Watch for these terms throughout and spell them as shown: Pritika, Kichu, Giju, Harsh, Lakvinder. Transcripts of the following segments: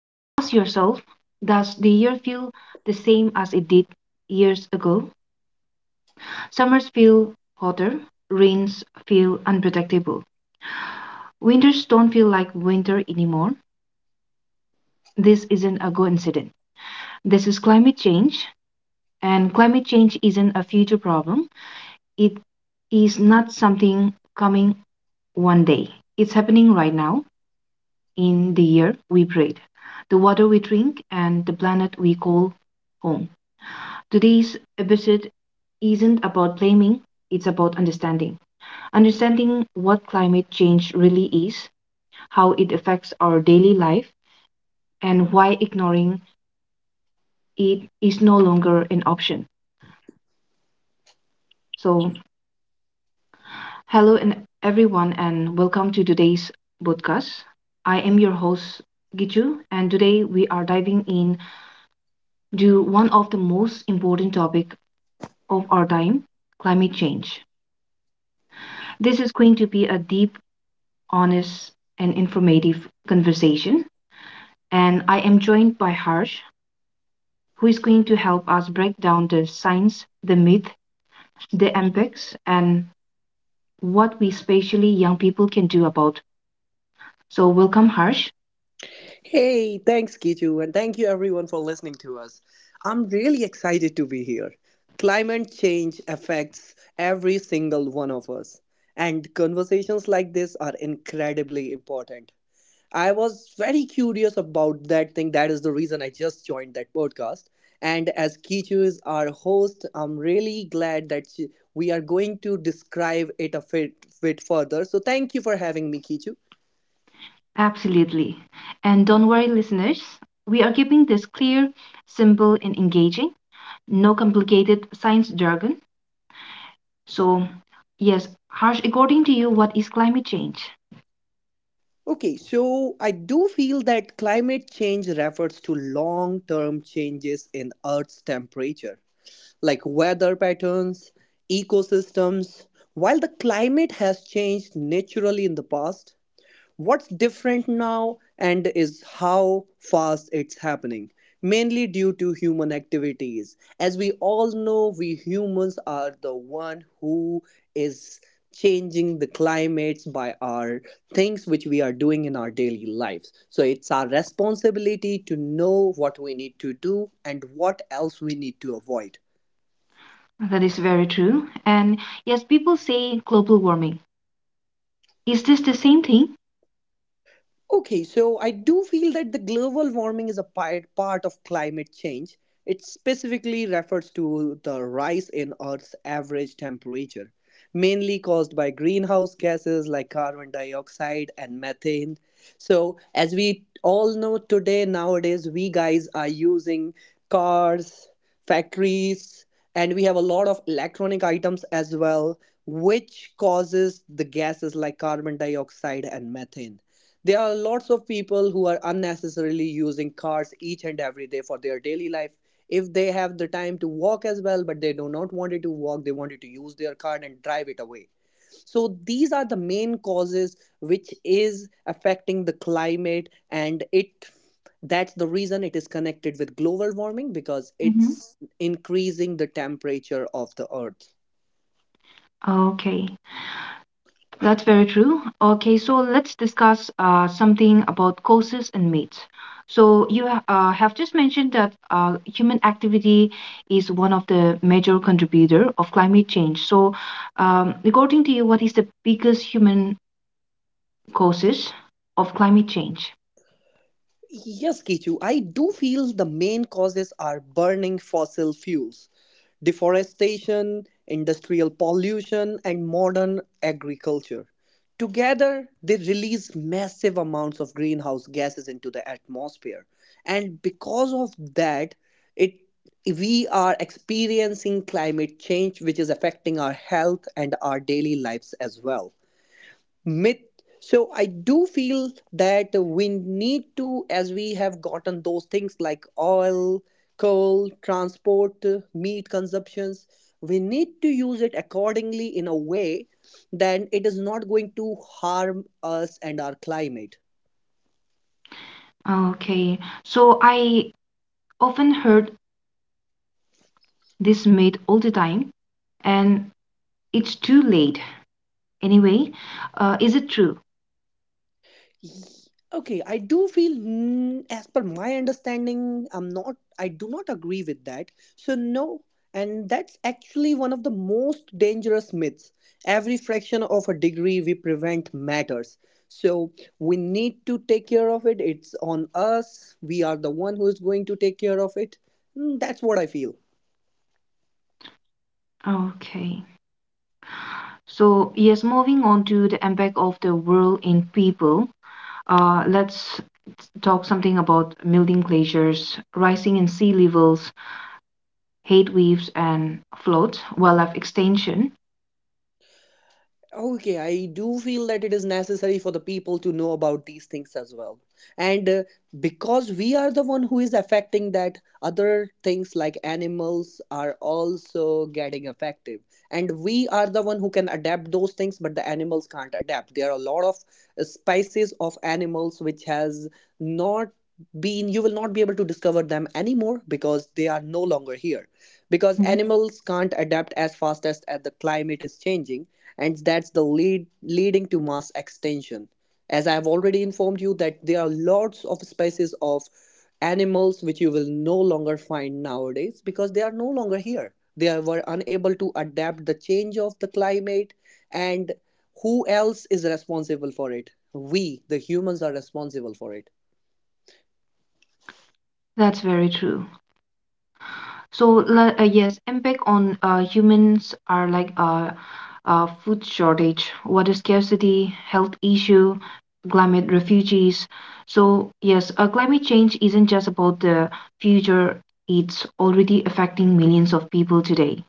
Now ask yourself, does the year feel the same as it did years ago? Summers feel hotter, rains feel unpredictable, winters don't feel like winter anymore. This isn't a coincidence. This is climate change, and climate change isn't a future problem. It is not something coming one day. It's happening right now in the year we breathe, the water we drink, and the planet we call home. Today's episode isn't about blaming, it's about understanding. Understanding what climate change really is, how it affects our daily life, and why ignoring it is no longer an option. So, hello and everyone, and welcome to today's podcast. I am your host Giju, and today we are diving in to one of the most important topic of our time, climate change. This is going to be a deep honest, and informative conversation. And I am joined by Harsh, who is going to help us break down the science, the myth, the impacts, and what we, especially young people, can do about. So, welcome, Harsh. Hey, thanks, Kichu, and thank you everyone for listening to us. I'm really excited to be here. Climate change affects every single one of us, and conversations like this are incredibly important. I was very curious about that thing. That is the reason I just joined that podcast. And as Kichu is our host, I'm really glad that we are going to describe it a bit further. So thank you for having me, Kichu. Absolutely. And don't worry, listeners, we are keeping this clear, simple, and engaging. No complicated science jargon. So, yes, Harsh, according to you, what is climate change? Okay, so I do feel that climate change refers to long term changes in Earth's temperature, like weather patterns, ecosystems. While the climate has changed naturally in the past, what's different now and is how fast it's happening, mainly due to human activities. As we all know, we humans are the one who is changing the climates by our things which we are doing in our daily lives. So it's our responsibility to know what we need to do and what else we need to avoid. That is very true. And yes, people say global warming, is this the same thing? Okay, so I do feel that the global warming is a part of climate change. It specifically refers to the rise in Earth's average temperature, mainly caused by greenhouse gases like carbon dioxide and methane. So, as we all know today, nowadays, we guys are using cars, factories, and we have a lot of electronic items as well, which causes the gases like carbon dioxide and methane. There are lots of people who are unnecessarily using cars each and every day for their daily life. If they have the time to walk as well, but they do not want it to walk, they wanted to use their car and drive it away. So these are the main causes which is affecting the climate, and it that's the reason it is connected with global warming because Hmm. it's increasing the temperature of the earth. Okay, that's very true. Okay, so let's discuss something about causes and myths. So you have just mentioned that human activity is one of the major contributor of climate change. So, according to you, what is the biggest human causes of climate change? Yes, Kichu, I do feel the main causes are burning fossil fuels, deforestation, industrial pollution, and modern agriculture. Together, they release massive amounts of greenhouse gases into the atmosphere. And because of that, it we are experiencing climate change, which is affecting our health and our daily lives as well. Myth, so I do feel that we need to, as we have gotten those things like oil, coal, transport, meat consumptions, we need to use it accordingly in a way that it is not going to harm us and our climate. Okay, so I often heard this myth all the time, and it's too late. Anyway, is it true? Ye- Okay, I do feel, as per my understanding, I do not agree with that. So, no, and that's actually one of the most dangerous myths. Every fraction of a degree we prevent matters. So, we need to take care of it. It's on us. We are the one who is going to take care of it. Mm, that's what I feel. Okay. So, yes, moving on to the impact of the world in people, let's talk something about melting glaciers, rising in sea levels, heat waves, and floods, wildlife extinction. Okay, I do feel that it is necessary for the people to know about these things as well. And because we are the one who is affecting that, other things like animals are also getting affected. And we are the one who can adapt those things, but the animals can't adapt. There are a lot of species of animals which has not been, you will not be able to discover them anymore because they are no longer here, because Mhm. animals can't adapt as fast as the climate is changing, and that's the leading to mass extinction. As I have already informed you that there are lots of species of animals which you will no longer find nowadays because they are no longer here. They were unable to adapt the change of the climate. And who else is responsible for it? We, the humans, are responsible for it. That's very true. So yes, impact on humans are like food shortage, water scarcity, health issue, climate refugees. So yes, climate change isn't just about the future; it's already affecting millions of people today.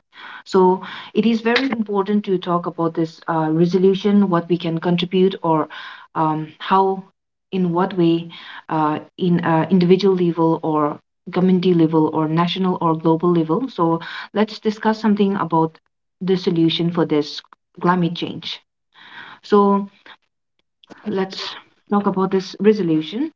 So it is very important to talk about this resolution, what we can contribute, or how, in what way, in individual level or community level or national or global level. So let's discuss something about the solution for this climate change. So let's talk about this resolution.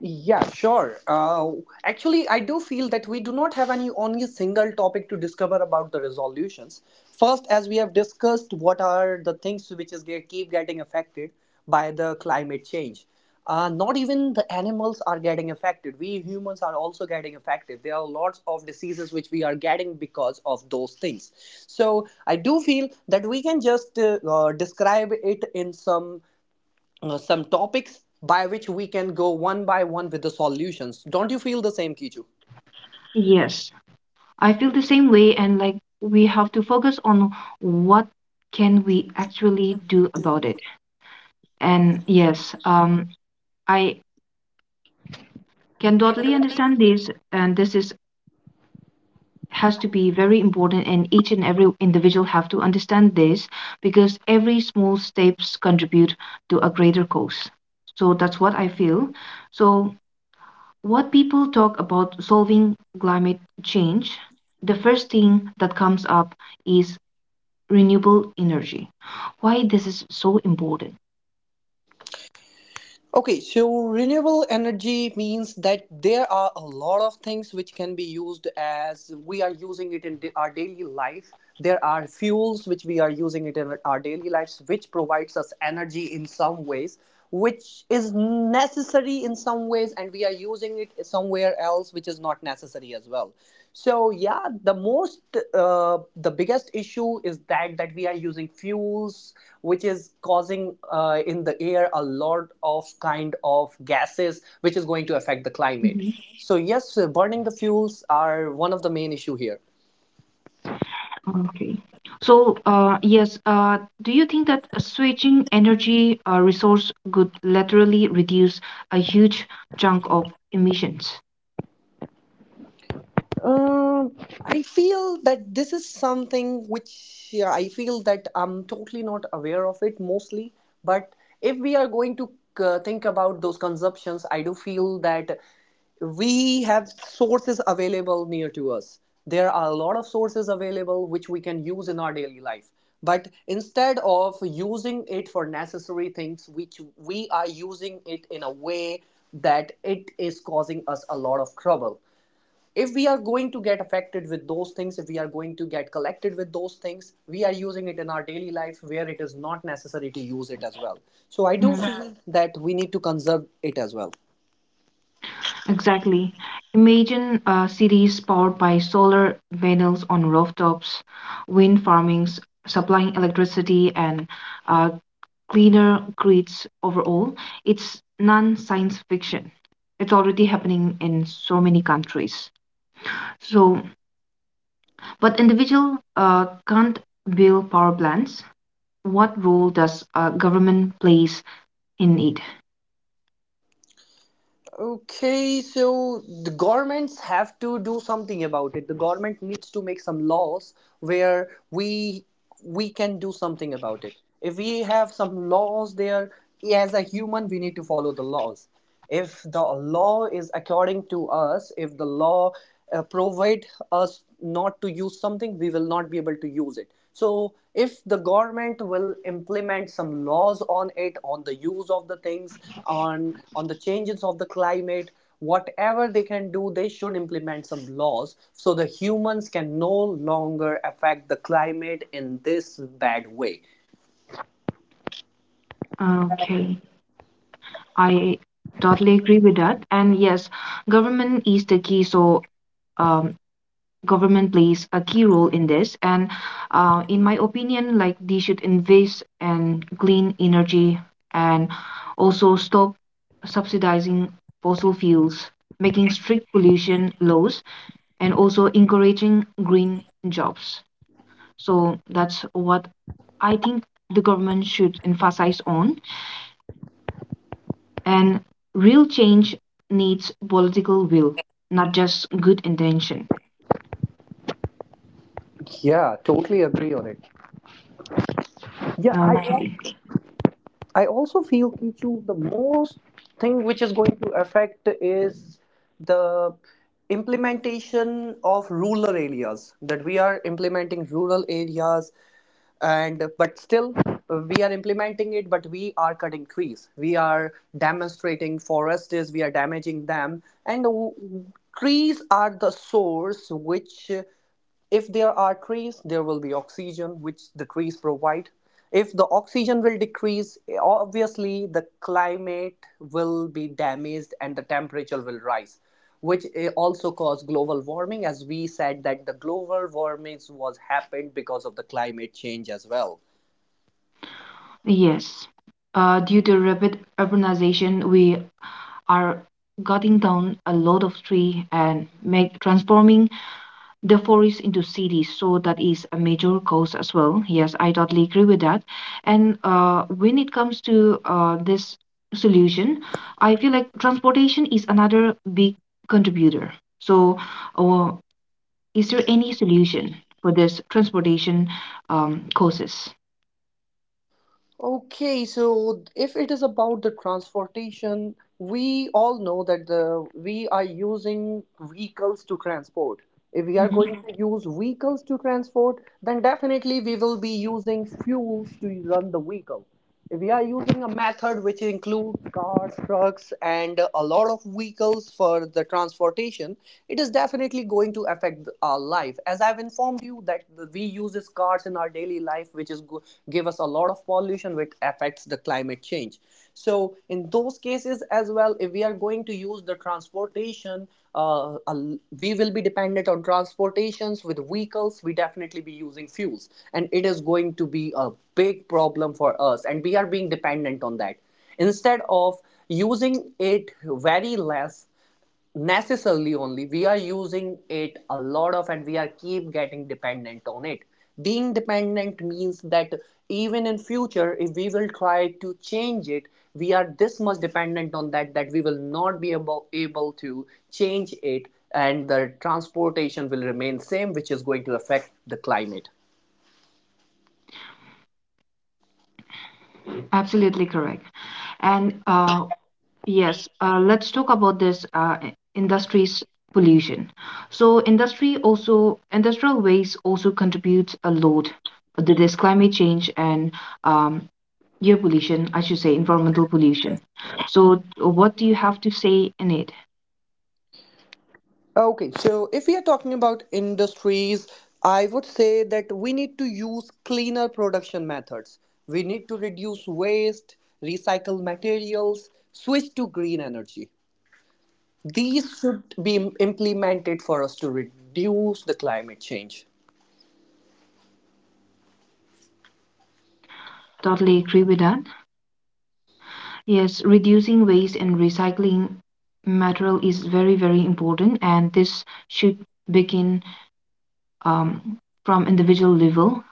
Yeah, sure. Actually, I do feel that we do not have any only single topic to discover about the resolutions. First, as we have discussed, what are the things which keep getting affected by the climate change? Not even the animals are getting affected. We humans are also getting affected. There are lots of diseases which we are getting because of those things. So I do feel that we can just describe it in some topics by which we can go one by one with the solutions. Don't you feel the same, Kichu? Yes, I feel the same way and like we have to focus on what can we actually do about it. And yes, I can totally understand this and this is has to be very important and each and every individual have to understand this because every small steps contribute to a greater cause. So that's what I feel. So what people talk about solving climate change, the first thing that comes up is renewable energy. Why this is so important? Okay, so renewable energy means that there are a lot of things which can be used as we are using it in our daily life. There are fuels which we are using it in our daily lives, which provides us energy in some ways, which is necessary in some ways, and we are using it somewhere else which is not necessary as well. So yeah, the most uh, the biggest issue is that we are using fuels which is causing in the air a lot of kind of gases which is going to affect the climate. So yes, burning the fuels are one of the main issue here. Okay. So, yes, do you think that switching energy resource could laterally reduce a huge chunk of emissions? Um, I feel that this is something which, yeah, I feel that I'm totally not aware of it mostly. But if we are going to think about those consumptions, I do feel that we have sources available near to us. There are a lot of sources available which we can use in our daily life. But instead of using it for necessary things, which we are using it in a way that it is causing us a lot of trouble. If we are going to get affected with those things, if we are going to get collected with those things, we are using it in our daily life where it is not necessary to use it as well. So I do Mhm. feel that we need to conserve it as well. Exactly. Imagine cities powered by solar panels on rooftops, wind farmings supplying electricity and uh, cleaner grids overall. It's non-science fiction. It's already happening in so many countries. So, but individual can't build power plants. What role does government plays in it? Okay, so the governments have to do something about it. The government needs to make some laws where we can do something about it. If we have some laws there, as a human we need to follow the laws. If the law is according to us, if the law provide us not to use something, we will not be able to use it. So if the government will implement some laws on it, on the use of the things, on the changes of the climate, whatever they can do, they should implement some laws so the humans can no longer affect the climate in this bad way. Okay, I totally agree with that. And yes, government is the key. So um, government plays a key role in this. And in my opinion, like they should invest in clean energy and also stop subsidizing fossil fuels, making strict pollution laws, and also encouraging green jobs. So that's what I think the government should emphasize on. And real change needs political will, not just good intention. Yeah, totally agree on it. Yeah. Okay. I also feel, Kichu, the most thing which is going to affect is the implementation of rural areas, that we are implementing rural areas, and but still we are implementing it, but we are cutting trees, we are demonstrating forests, we are damaging them, and trees are the source which, if there are trees, there will be oxygen, which the trees provide. If the oxygen will decrease, obviously the climate will be damaged and the temperature will rise, which also cause global warming. As we said that the global warming was happened because of the climate change as well. Yes. Due to rapid urbanization, we are cutting down a lot of tree and make transforming the forest into cities. So that is a major cause as well. Yes, I totally agree with that. And when it comes to this solution, I feel like transportation is another big contributor. So, uh, is there any solution for this transportation causes? Okay, so if it is about the transportation, we all know that the we are using vehicles to transport. If we are Mhm. going to use vehicles to transport, then definitely we will be using fuels to run the vehicle. We are using a method which includes cars, trucks, and a lot of vehicles for the transportation. It is definitely going to affect our life, as I've informed you that we use these cars in our daily life which is give us a lot of pollution which affects the climate change. So in those cases as well, if we are going to use the transportation, we will be dependent on transportations with vehicles. We definitely be using fuels, and it is going to be a big problem for us, and we are being dependent on that, instead of using it very less necessarily. Only we are using it a lot of, and we are keep getting dependent on it. Being dependent means that even in future if we will try to change it, we are this much dependent on that, that we will not be able to change it, and the transportation will remain same, which is going to affect the climate. Absolutely correct. And yes, let's talk about this industries pollution. So industry also industrial waste also contributes a lot to this climate change and um, air pollution, I should say, environmental pollution. So what do you have to say in it? Okay, so if we are talking about industries, I would say that we need to use cleaner production methods. We need to reduce waste, recycle materials, switch to green energy. These should be implemented for us to reduce the climate change. Totally agree with that. Yes, reducing waste and recycling material is very, very important, and this should begin um, from individual level,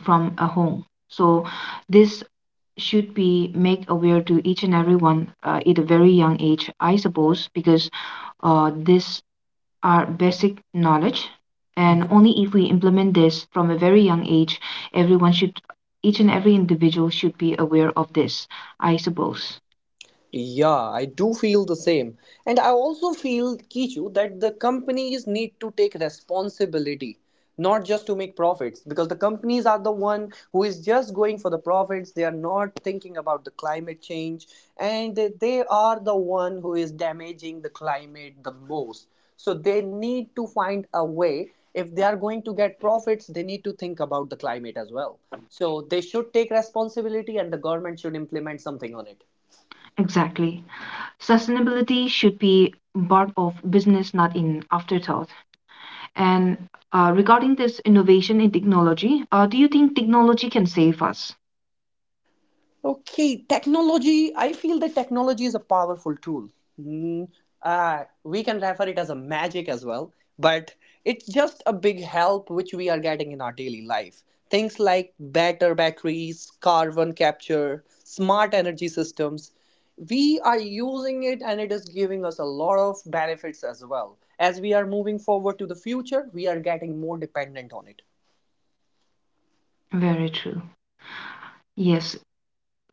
from a home. So this should be make aware to each and everyone at a very young age, I suppose, because this are basic knowledge, and only if we implement this from a very young age, everyone should, each and every individual should be aware of this, I suppose. Yeah, I do feel the same. And I also feel, Kichu, that the companies need to take responsibility, not just to make profits, because the companies are the one who is just going for the profits. They are not thinking about the climate change, and they are the one who is damaging the climate the most. So they need to find a way. If they are going to get profits, they need to think about the climate as well. So they should take responsibility, and the government should implement something on it. Exactly. Sustainability should be part of business, not in afterthought. And regarding this innovation in technology, do you think technology can save us? Okay, technology. I feel that technology is a powerful tool. Hmm, we can refer it as a magic as well, but it's just a big help which we are getting in our daily life. Things like better batteries, carbon capture, smart energy systems. We are using it and it is giving us a lot of benefits as well. As we are moving forward to the future, we are getting more dependent on it. Very true. Yes,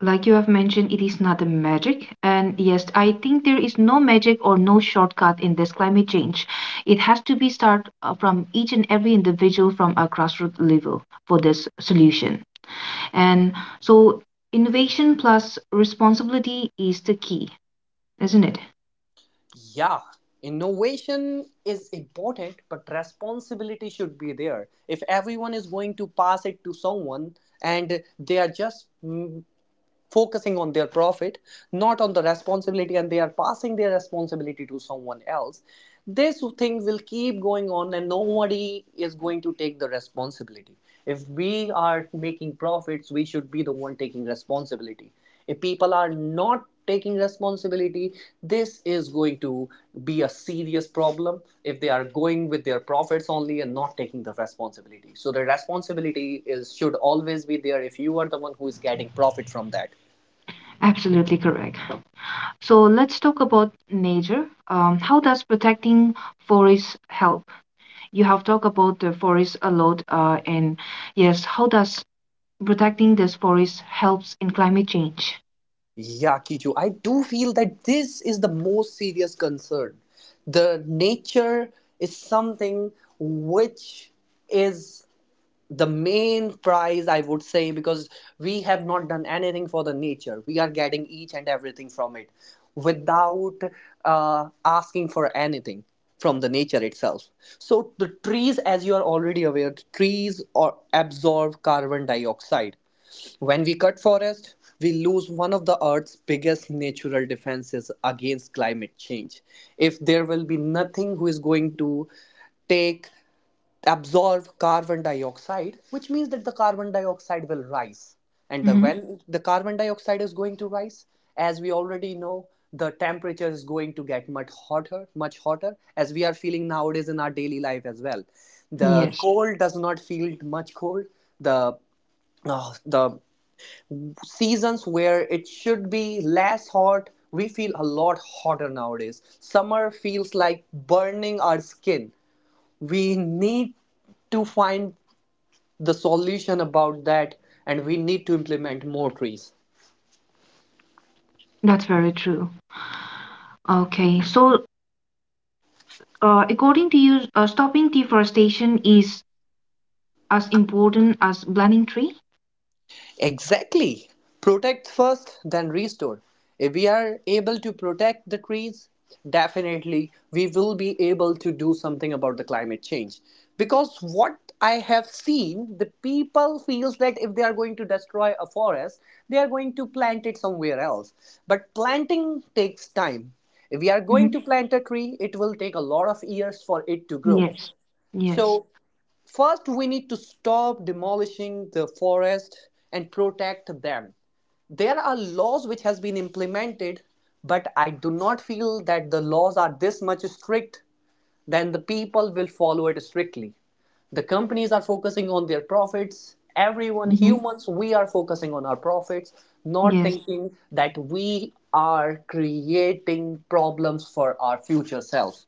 like you have mentioned, it is not a magic. And yes, I think there is no magic or no shortcut in this climate change. It has to be start from each and every individual from a grassroots level for this solution. And so innovation plus responsibility is the key, isn't it? Yeah, innovation is important, but responsibility should be there. If everyone is going to pass it to someone and they are just focusing on their profit, not on the responsibility, and they are passing their responsibility to someone else, this thing will keep going on and nobody is going to take the responsibility. If we are making profits, we should be the one taking responsibility. If people are not taking responsibility, this is going to be a serious problem if they are going with their profits only and not taking the responsibility. So the responsibility is should always be there if you are the one who is getting profit from that. Absolutely correct. So let's talk about nature. How does protecting forests help? You have talked about the forest a lot, and yes, how does protecting this forest helps in climate change? Yeah, Kichu, I do feel that this is the most serious concern. The nature is something which is the main prize, I would say, because we have not done anything for the nature. We are getting each and everything from it without asking for anything from the nature itself. So the trees, as you are already aware, trees or absorb carbon dioxide. When we cut forest, we lose one of the Earth's biggest natural defenses against climate change. If there will be nothing who is going to take absorb carbon dioxide, which means that the carbon dioxide will rise. And the Hmm. when the carbon dioxide is going to rise, as we already know, the temperature is going to get much hotter, much hotter, as we are feeling nowadays in our daily life as well. The Yes, cold does not feel much cold. The uh, the seasons where it should be less hot, we feel a lot hotter nowadays. Summer feels like burning our skin. We need to find the solution about that, and we need to implement more trees. that's very true. Okay, so according to you, stopping deforestation is as important as planting tree? Exactly. Protect first, then restore. If we are able to protect the trees, definitely we will be able to do something about the climate change. Because what I have seen, the people feels that if they are going to destroy a forest, they are going to plant it somewhere else. But planting takes time. If we are going Hmm. to plant a tree, it will take a lot of years for it to grow. Yes, yes, So first, we need to stop demolishing the forest and protect them. There are laws which has been implemented, but I do not feel that the laws are this much strict then the people will follow it strictly. The companies are focusing on their profits. Everyone, hmm, humans, we are focusing on our profits, not yes, thinking that we are creating problems for our future self.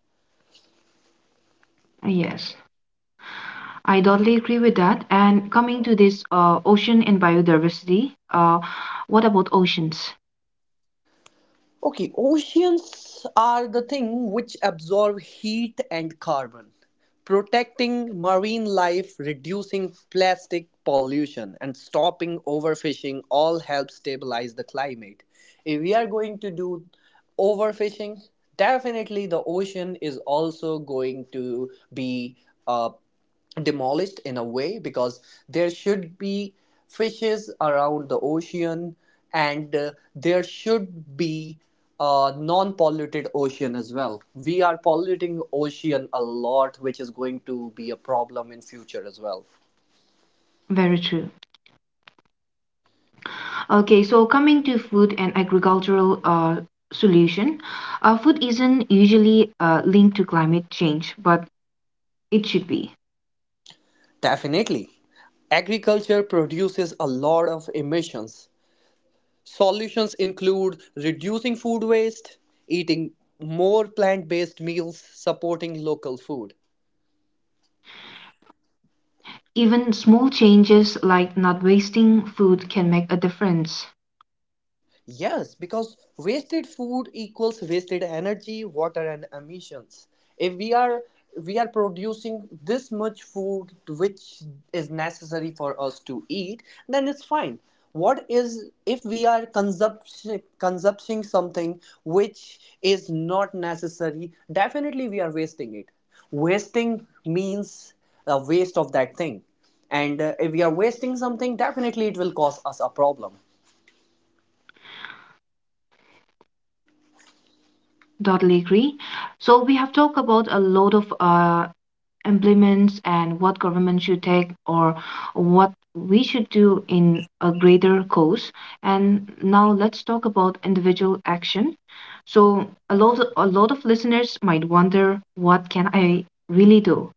yes. I totally agree with that. And coming to this ocean and biodiversity, what about oceans? Okay, oceans are the thing which absorb heat and carbon, protecting marine life, reducing plastic pollution, and stopping overfishing all help stabilize the climate. If we are going to do overfishing, definitely the ocean is also going to be uh, demolished in a way, because there should be fishes around the ocean, and there should be a non-polluted ocean as well. We are polluting ocean a lot, which is going to be a problem in future as well. Very true. Okay, so coming to food and agricultural solution, food isn't usually linked to climate change, but it should be. Definitely agriculture produces a lot of emissions. Solutions include reducing food waste, eating more plant-based meals, supporting local food. Even small changes like not wasting food can make a difference. Yes, because wasted food equals wasted energy, water, and emissions. If we are We are producing this much food which is necessary for us to eat, then it's fine. What is if we are consuming something which is not necessary? Definitely, we are wasting it. Wasting means a waste of that thing. And if we are wasting something, definitely it will cause us a problem. Totally agree. So we have talked about a lot of implements and what government should take or what we should do in a greater cause. And now let's talk about individual action. So a lot of listeners might wonder, what can I really do?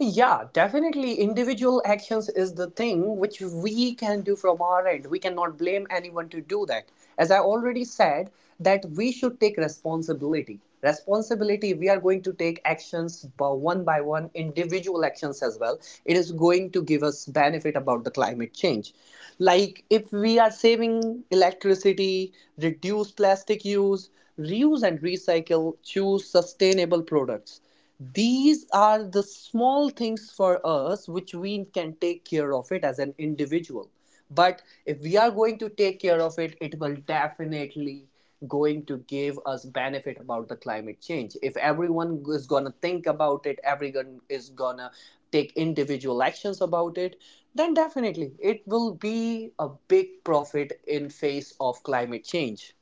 Yeah, definitely. Individual actions is the thing which we can do from our end. We cannot blame anyone to do that. As I already said, that we should take responsibility. Responsibility, we are going to take actions by one, individual actions as well. It is going to give us benefit about the climate change. Like if we are saving electricity, reduce plastic use, reuse and recycle, choose sustainable products, these are the small things for us which we can take care of it as an individual. But if we are going to take care of it, it will definitely going to give us benefit about the climate change. If everyone is going to think about it, everyone is going to take individual actions about it, then definitely it will be a big profit in face of climate change.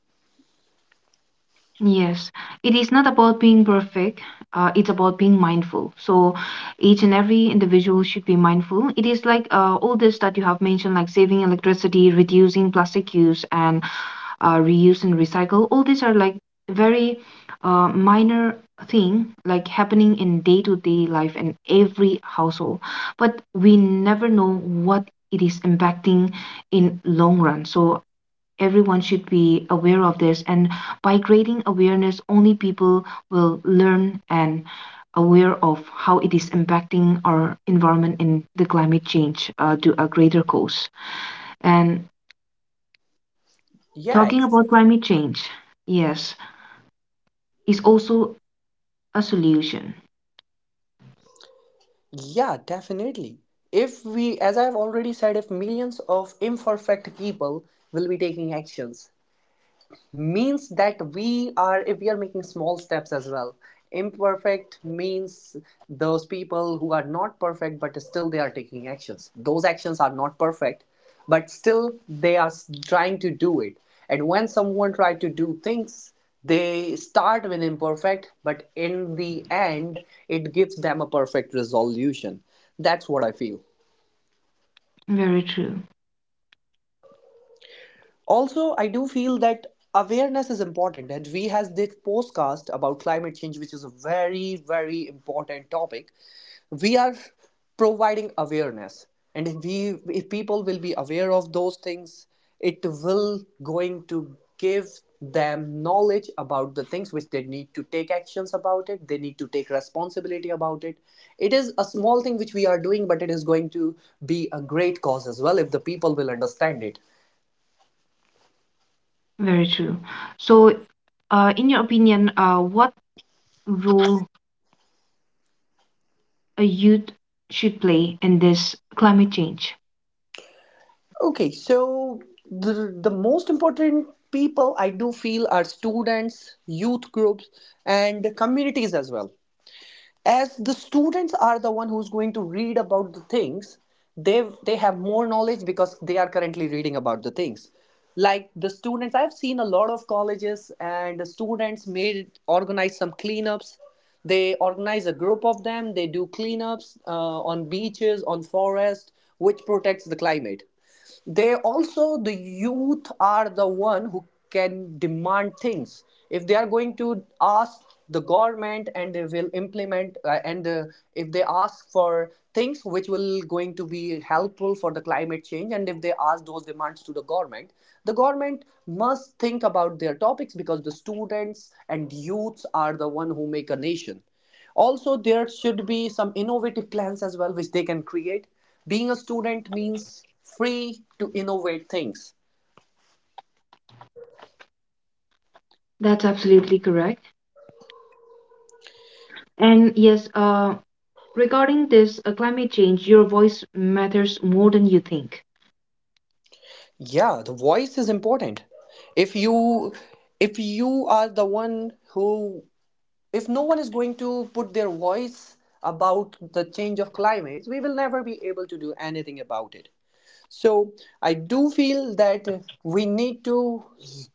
Yes, it is not about being perfect. It's about being mindful. So each and every individual should be mindful. It is like all this that you have mentioned, like saving electricity, reducing plastic use, and reuse and recycle, all these are like very minor thing like happening in day-to-day life in every household, but we never know what it is impacting in long run. So everyone should be aware of this, and by creating awareness only people will learn and aware of how it is impacting our environment in the climate change to a greater cause. And Yeah. talking about climate change, yes, is also a solution. Yeah, definitely. If we, as I've already said, if millions of imperfect people will be taking actions, means that we are if we are making small steps as well. Imperfect means those people who are not perfect but still they are taking actions. Those actions are not perfect, but still they are trying to do it. And when someone tries to do things, they start with imperfect, but in the end it gives them a perfect resolution. That's what I feel. Very true. Also, I do feel that awareness is important, and we has this podcast about climate change, which is a very, very important topic. We are providing awareness, and if people will be aware of those things, it will going to give them knowledge about the things which they need to take actions about it, they need to take responsibility about it. It is a small thing which we are doing, but it is going to be a great cause as well if the people will understand it. Very true. So, in your opinion, what role a youth should play in this climate change? Okay, so the most important people I do feel are students, youth groups, and communities as well. As the students are the one who's going to read about the things, they have more knowledge because they are currently reading about the things. Like the students, I've seen a lot of colleges, and the students made organize some cleanups. They organize a group of them. They do cleanups on beaches, on forest, which protects the climate. They also the youth are the one who can demand things. If they are going to ask the government, and they will implement and if they ask for things which will going to be helpful for the climate change, and if they ask those demands to the government, the government must think about their topics, because the students and youths are the one who make a nation. Also, there should be some innovative plans as well which they can create. Being a student means free to innovate things. That's absolutely correct. And yes, regarding this climate change, your voice matters more than you think. Yeah, the voice is important. If you if you are the one who if no one is going to put their voice about the change of climate, we will never be able to do anything about it. So I do feel that we need to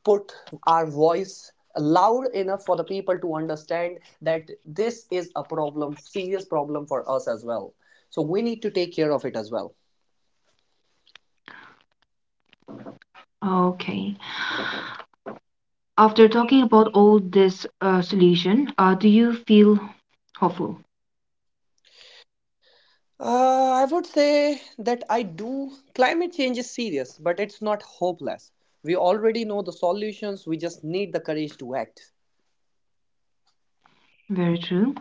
put our voice loud enough for the people to understand that this is a problem, serious problem for us as well. So we need to take care of it as well. Okay. After talking about all this solution, do you feel hopeful? I would say that I do. Climate change is serious, but it's not hopeless. We already know the solutions, we just need the courage to act. Very true.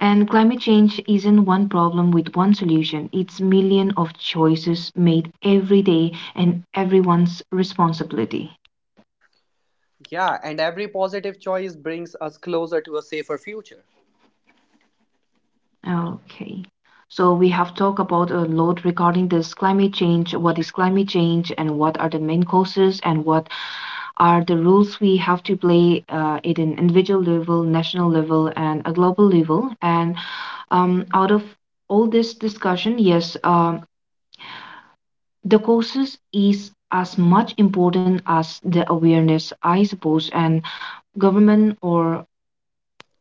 And climate change isn't one problem with one solution. It's million of choices made every day and everyone's responsibility. Yeah, and every positive choice brings us closer to a safer future. Okay. So we have talked about a lot regarding this climate change, what is climate change and what are the main causes and what are the rules we have to play at an individual level, national level and a global level. And out of all this discussion, yes, the causes is as much important as the awareness, I suppose, and government or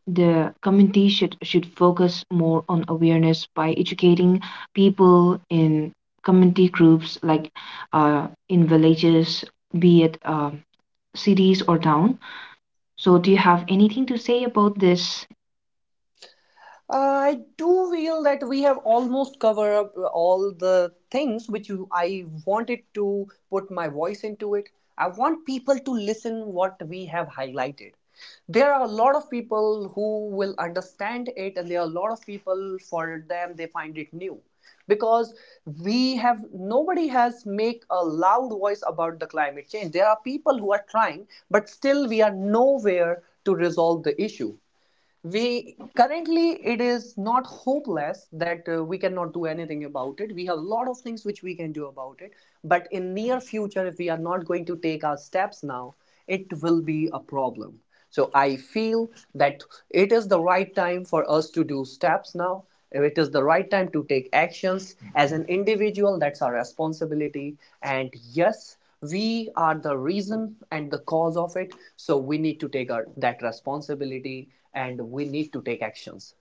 the community should focus more on awareness by educating people in community groups like in villages, be it cities or town. So, do you have anything to say about this? I do feel that we have almost covered up all the things which you- I wanted to put my voice into it. I want people to listen what we have highlighted. There are a lot of people who will understand it, and there are a lot of people for them they find it new, because we have nobody has make a loud voice about the climate change. There are people who are trying, but still we are nowhere to resolve the issue. We currently it is not hopeless that we cannot do anything about it. We have a lot of things which we can do about it. But in near future, if we are not going to take our steps now, it will be a problem. So I feel that it is the right time for us to do steps now. It is the right time to take actions as an individual. That's our responsibility. And yes, we are the reason and the cause of it, so we need to take our, that responsibility, and we need to take actions.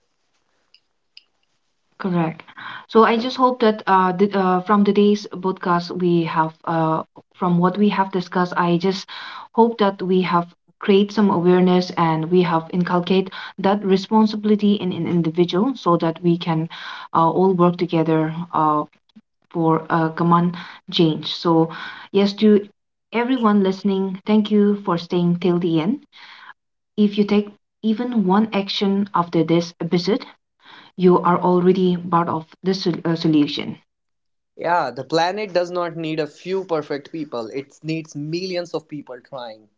Correct. So I just hope that from today's podcast we have from what we have discussed, I just hope that we have create some awareness and we have inculcate that responsibility in an individual so that we can all work together for a common change. So yes, to everyone listening, thank you for staying till the end. If you take even one action after this episode, you are already part of the solution. Yeah, the planet does not need a few perfect people, it needs millions of people trying.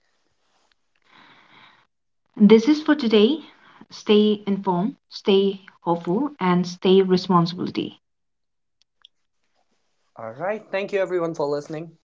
This is for today. Stay informed, stay hopeful, and stay responsible. All right, thank you everyone for listening.